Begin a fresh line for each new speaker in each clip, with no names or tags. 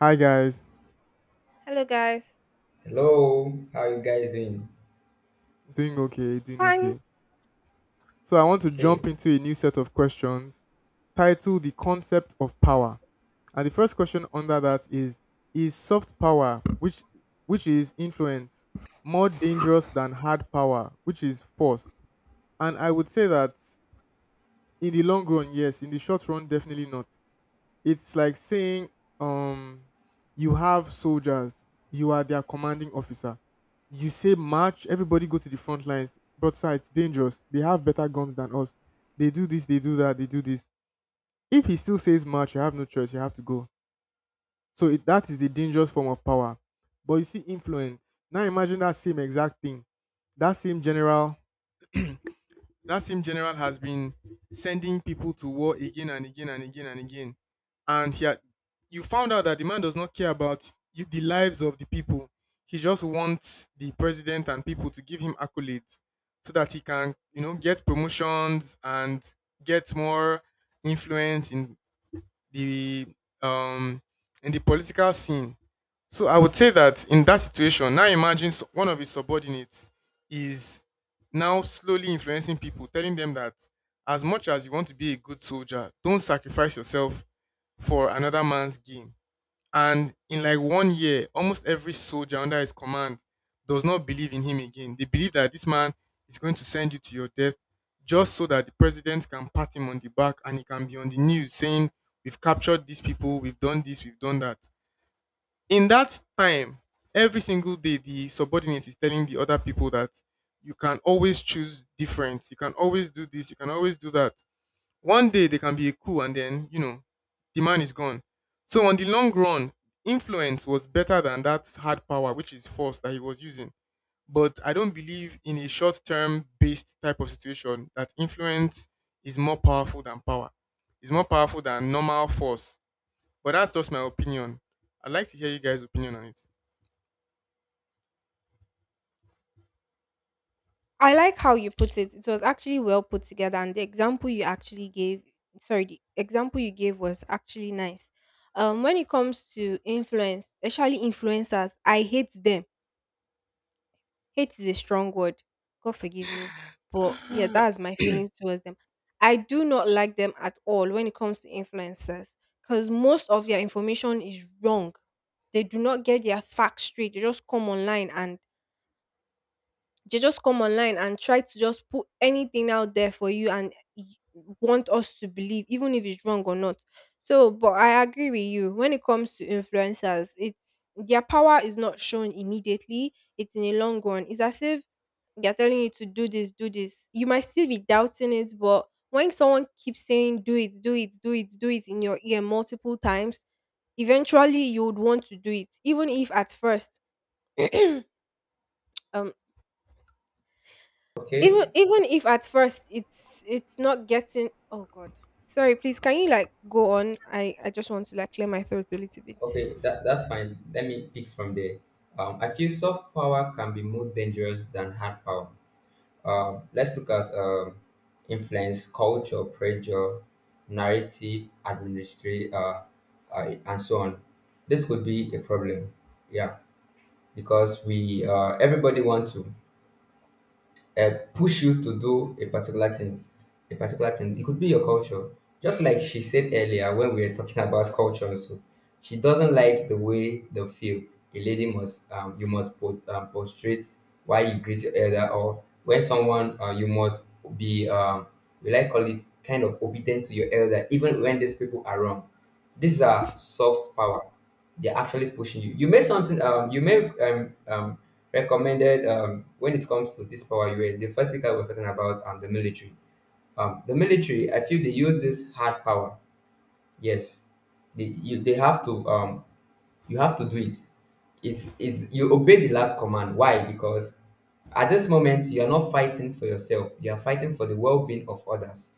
Hi guys,
Hello, guys.
Hello, how you guys doing?
doing okay, doing
Fine.
okay. So I want to
Okay,
jump into a new set of questions titled The Concept of Power. And the first question under that is soft power, which is influence, more dangerous than hard power, which is force? And I would say that in the long run, yes, in the short run definitely not. It's like saying, um, you have soldiers, you are their commanding officer. You say march, everybody go to the front lines. But sir, it's dangerous. They have better guns than us. They do this, they do that, they do this. If he still says march, you have no choice. You have to go. So that is a dangerous form of power. But you see, influence. Now imagine that same exact thing. That same general that same general has been sending people to war again and again and again and again. And he had, you found out that the man does not care about the lives of the people. He just wants the president and people to give him accolades so that he can get promotions and get more influence in the um the political scene. So I would say that in that situation, now imagine one of his subordinates is now slowly influencing people, telling them that as much as you want to be a good soldier, don't sacrifice yourself for another man's gain. And in like one year, almost every soldier under his command does not believe in him again. They believe that this man is going to send you to your death just so that the president can pat him on the back and he can be on the news saying, "We've captured these people, we've done this, we've done that." In that time, every single day, the subordinate is telling the other people that you can always choose different, you can always do this, you can always do that. One day they can be a coup, and then the man is gone. So on the long run, influence was better than that hard power, which is force that he was using. But I don't believe in a short term based type of situation that influence is more powerful than power. It's more powerful than normal force. But that's just my opinion. I'd like to hear you guys' opinion on it.
I like how you put it. It was actually well put together, and the example you actually gave, sorry, the example you gave was actually nice. When it comes to influence, especially influencers, I hate them. Hate is a strong word. God forgive me, but yeah, that's my feeling towards them. I do not like them at all when it comes to influencers, because most of their information is wrong. They do not get their facts straight. They just come online and they just come online and try to just put anything out there for you want us to believe even if it's wrong or not. So but I agree with you when it comes to influencers, it's their power is not shown immediately, it's in the long run. It's as if they're telling you to do this, do this. You might still be doubting it, but when someone keeps saying do it, do it, do it, do it in your ear multiple times, eventually you would want to do it. Even if at first um
okay,
even even if at first it's not getting, oh god, sorry, please can you like go on? I just want to like clear my throat a little bit.
okay. That's fine. Let me pick from there. I feel soft power can be more dangerous than hard power. Let's look at influence, culture, pressure, narrative, administration, and so on. This could be a problem. Yeah, because we everybody want to. Push you to do a particular thing, a particular thing. It could be your culture. Just like she said earlier when we were talking about culture, also, she doesn't like the way they feel. A lady must, you must put, prostrate while you greet your elder, or when someone, you must be, we like call it kind of obedient to your elder, even when these people are wrong. These are soft power. They're actually pushing you. You may something, you may recommended when it comes to this power UN. The first speaker was talking about the military. The military, I feel they use this hard power. Yes, they have to you have to do it it's you obey the last command. Why? Because at this moment you are not fighting for yourself, you are fighting for the well-being of others.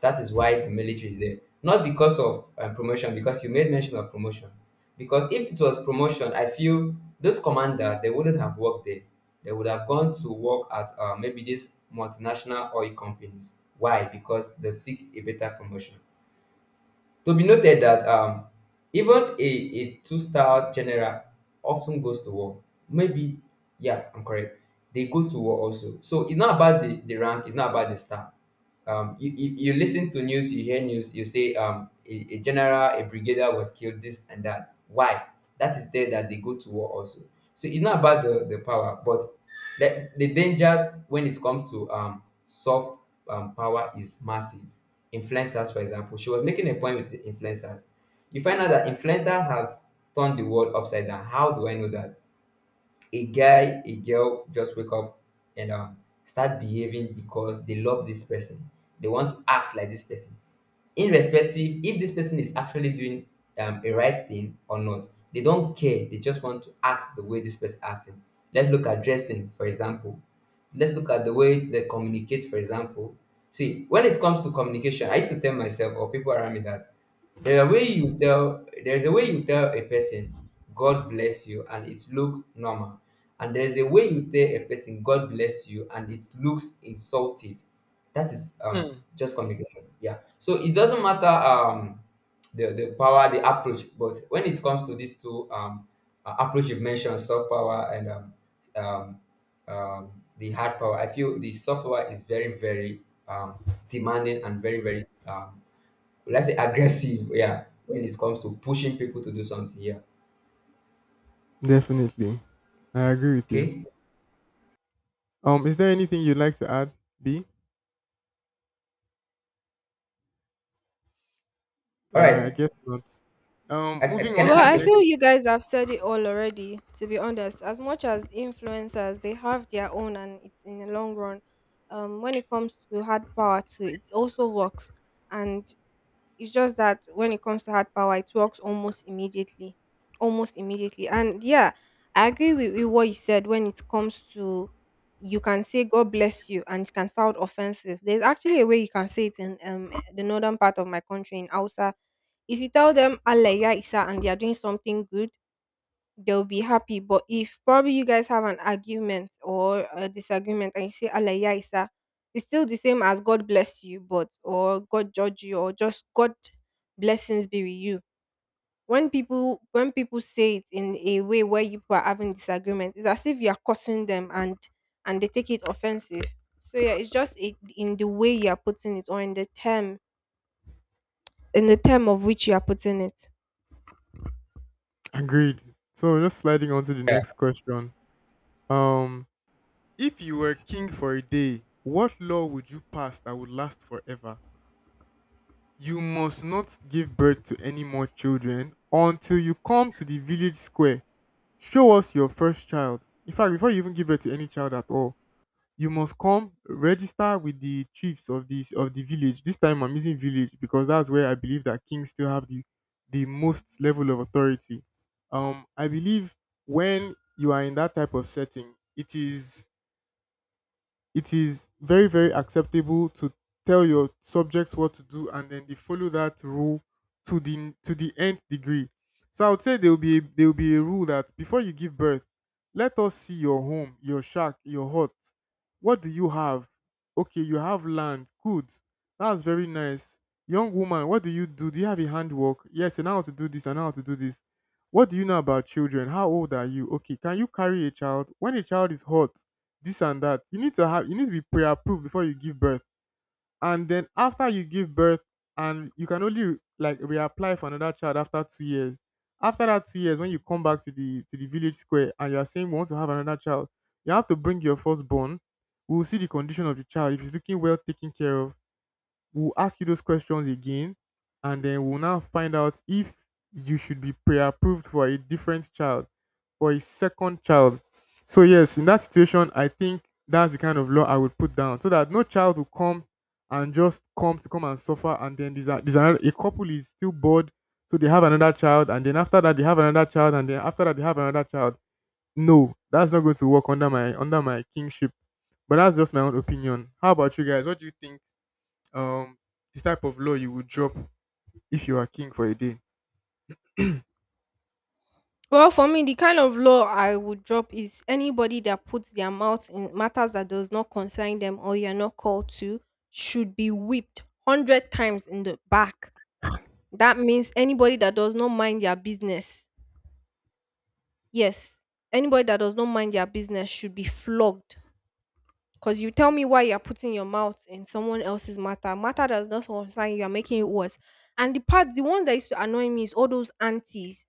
That is why the military is there, not because of promotion, because you made mention of promotion. Because if it was promotion, I feel this commander, they wouldn't have worked there. They would have gone to work at maybe these multinational oil companies. Why? Because they seek a better promotion. To be noted that even a two-star general often goes to war. Maybe, yeah, I'm correct. They go to war also. So it's not about the rank, it's not about the star. You listen to news, you hear news, you say a general, a brigadier was killed, this and that. Why? That is there that they go to war also. So it's not about the power, but the danger when it comes to soft power is massive. Influencers, for example, she was making a point with the influencers. You find out that influencers has turned the world upside down. How do I know that? A guy, a girl just wake up and start behaving because they love this person, they want to act like this person, irrespective if this person is actually doing a right thing or not. They don't care, they just want to act the way this person acting. Let's look at dressing, for example. Let's look at the way they communicate, for example. See, when it comes to communication, I used to tell myself or people around me that there's a way you tell a person God bless you and it look normal. And there's a way you tell a person God bless you and it looks insultive. That is
Hmm.
just communication. Yeah. So it doesn't matter the power, the approach, but when it comes to these two approach you've mentioned, soft power and um um, the hard power. I feel the soft power is very, very um, demanding and very, very, let's say, aggressive. Yeah, when it comes to pushing people to do something. Yeah.
Definitely. I agree with you.
Okay.
Is there anything you'd like to add, B?
All
All right, I
right.
guess not. Moving
Can
on
I
Well,
to the
ask
I
a
next.
feel
question?
you guys have said it all already, to be honest. As much as influencers, they have their own and it's in the long run. Um, when it comes to hard power too, it also works. And it's just that when it comes to hard power, it works almost immediately, almost immediately. And yeah, I agree with what you said. When it comes to, you can say God bless you and it can sound offensive. There's actually a way you can say it in the northern part of my country, in Hausa. If you tell them Allah ya Isa and they are doing something good, they'll be happy. But if probably you guys have an argument or a disagreement and you say Allah ya Isa, it's still the same as God bless you, but, or God judge you, or just God blessings be with you. When people say it in a way where you people are having disagreement, it's as if you are cursing them, and they take it offensive. So yeah, it's just it, in the way you are putting it, or in the term of which you are putting it.
Agreed. So just sliding on to the next question. Um, if you were king for a day, what law would you pass that would last forever? You must not give birth to any more children until you come to the village square. Show us your first child. In fact, before you even give birth to any child at all, you must come register with the chiefs of this of the village. This time I'm using village because that's where I believe that kings still have the most level of authority. I believe when you are in that type of setting, it is very very acceptable to tell your subjects what to do, and then they follow that rule to the nth degree. So I would say there will be a rule that before you give birth, let us see your home, your shack, your hut. What do you have? Okay, you have land. Good, that's very nice. Young woman, what do you do? Do you have a handwork? Yes, I know how to do this, I know how to do this. What do you know about children? How old are you? Okay, can you carry a child when a child is hot? This and that. You need to be pre-approved before you give birth. And then after you give birth, and you can only like reapply for another child after 2 years. After that 2 years, when you come back to the village square and you are saying we want to have another child, you have to bring your firstborn. We will see the condition of the child. If he's looking well taken care of, we'll ask you those questions again, and then we'll now find out if you should be pre-approved for a different child, for a second child. So yes, in that situation, I think that's the kind of law I would put down, so that no child will come and just come to come and suffer, and then there's another, a couple is still bored, so they have another child, and then after that they have another child, and then after that they have another child. No, that's not going to work under my kingship. But that's just my own opinion. How about you guys? What do you think? Um, the type of law you would drop if you are king for a day.
Well, for me, the kind of law I would drop is anybody that puts their mouth in matters that does not concern them or you're not called to should be whipped 100 times in the back. That means anybody that does not mind their business. Yes, anybody that does not mind their business should be flogged. Because you tell me why you're putting your mouth in someone else's matter. Matter that does not concern you, you're making it worse. And the part, the one that used to annoy me is all those aunties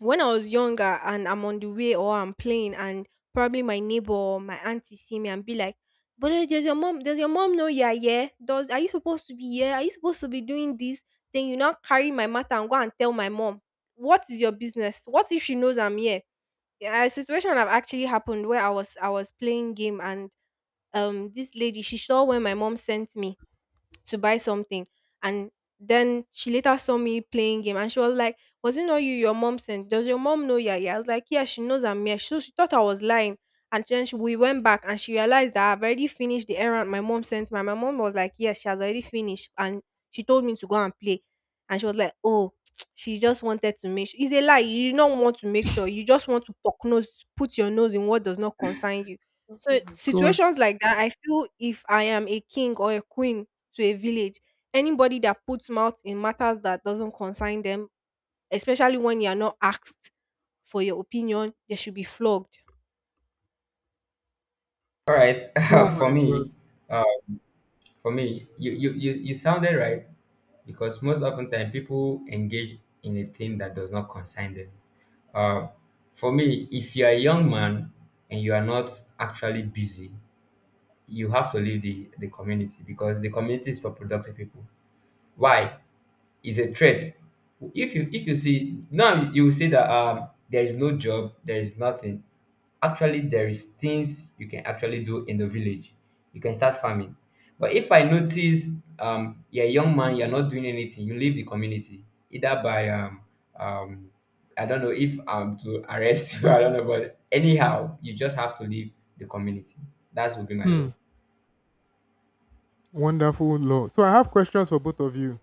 when I was younger and I'm on the way or I'm playing, and probably my neighbor or my auntie see me and be like, but eh, does your mom know you're here? Does, are you supposed to be here? Are you supposed to be doing this? Then you now carry my matter and go and tell my mom. What is your business? What if she knows I'm here? Yeah, a situation have actually happened where I was playing game and this lady, she saw where my mom sent me to buy something, and then she later saw me playing game and she was like, was it not you your mom sent? Does your mom know, yeah yeah? I was like, yeah, she knows I'm here. So she thought I was lying. And then she, we went back and she realized that I've already finished the errand my mom sent me. And my mom was like, yes, she has already finished. And she told me to go and play. And she was like, oh, she just wanted to make sure. It's a lie. You do not want to make sure. You just want to poke nose, put your nose in what does not concern you. So
God,
situations like that, I feel if I am a king or a queen to a village, anybody that puts mouth in matters that doesn't concern them, especially when you are not asked for your opinion, they should be flogged.
All right.
oh my
For
God.
me, uh, for me, you sounded right because most often time people engage in a thing that does not concern them. Uh, for me, if you're a young man and you are not actually busy, you have to leave the community because the community is for productive people. Why? It's a threat. If you see now, you will say that there is no job, there is nothing. Actually, there is things you can actually do in the village. You can start farming. But if I notice you're a young man, you're not doing anything, you leave the community either by um I don't know if to arrest you, I don't know, but anyhow, you just have to leave the community. That would be my law,
Hmm. Wonderful law. So I have questions for both of you.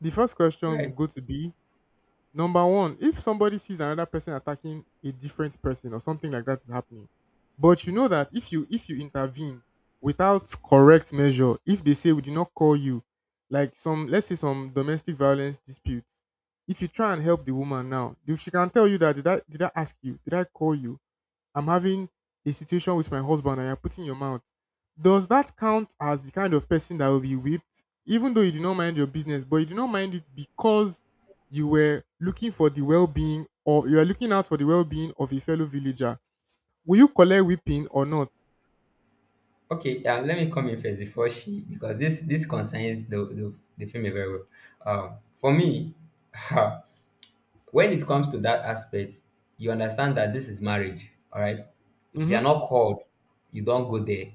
The first question will
right?
go to B. Number one, if somebody sees another person attacking a different person or something like that is happening, but you know that if you intervene without correct measure, if they say we did not call you, like some let's say some domestic violence disputes, if you try and help the woman now, she can tell you that did I ask you? Did I call you? I'm having a situation with my husband and you're putting your mouth. Does that count as the kind of person that will be whipped, even though you do not mind your business, but you do not mind it because you were looking for the well being or you are looking out for the well being of a fellow villager? Will you collect whipping or not?
Okay, let me come in first before she, because this concerns the female very well. For me, when it comes to that aspect, you understand that this is marriage. All right, if you are
Mm-hmm.
not called, you don't go there.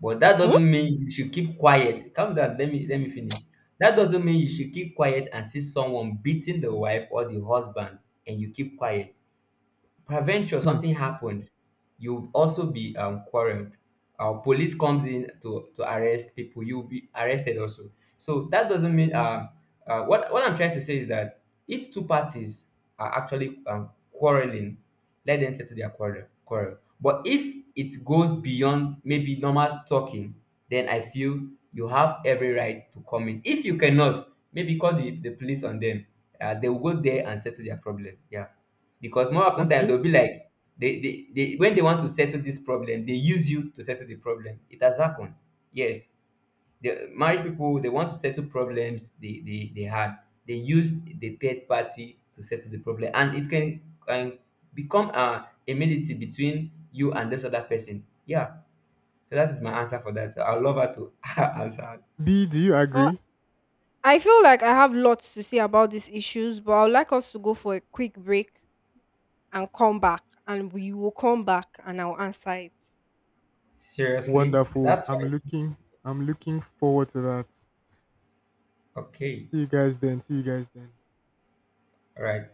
But that
Hmm?
doesn't mean you should keep quiet. Calm down. Let me finish. That doesn't mean you should keep quiet and see someone beating the wife or the husband, and you keep quiet. Peradventure
Hmm.
something happened, you'll also be quarreled. Uh, police comes in to arrest people, you'll be arrested also. So that doesn't mean what I'm trying to say is that if two parties are actually quarreling, let them settle their quarrel. But if it goes beyond maybe normal talking, then I feel you have every right to come in. If you cannot, maybe call the police on them, they will go there and settle their problem. Yeah, because more often than
Okay.
they'll be like they when they want to settle this problem, they use you to settle the problem. It has happened. Yes, the married people, they want to settle problems, they had, they use the third party to settle the problem. And can become a immunity between you and this other person. Yeah, so that is my answer for that. I'd love her to answer.
B, do you
Uh,
agree?
I feel like I have lots to say about these issues, but I would like us to go for a quick break and come back, and we will come back and I'll answer it.
Seriously,
Wonderful.
that's
I'm
fine.
looking. I'm looking forward to that.
Okay.
See you guys then. See you guys then.
All right.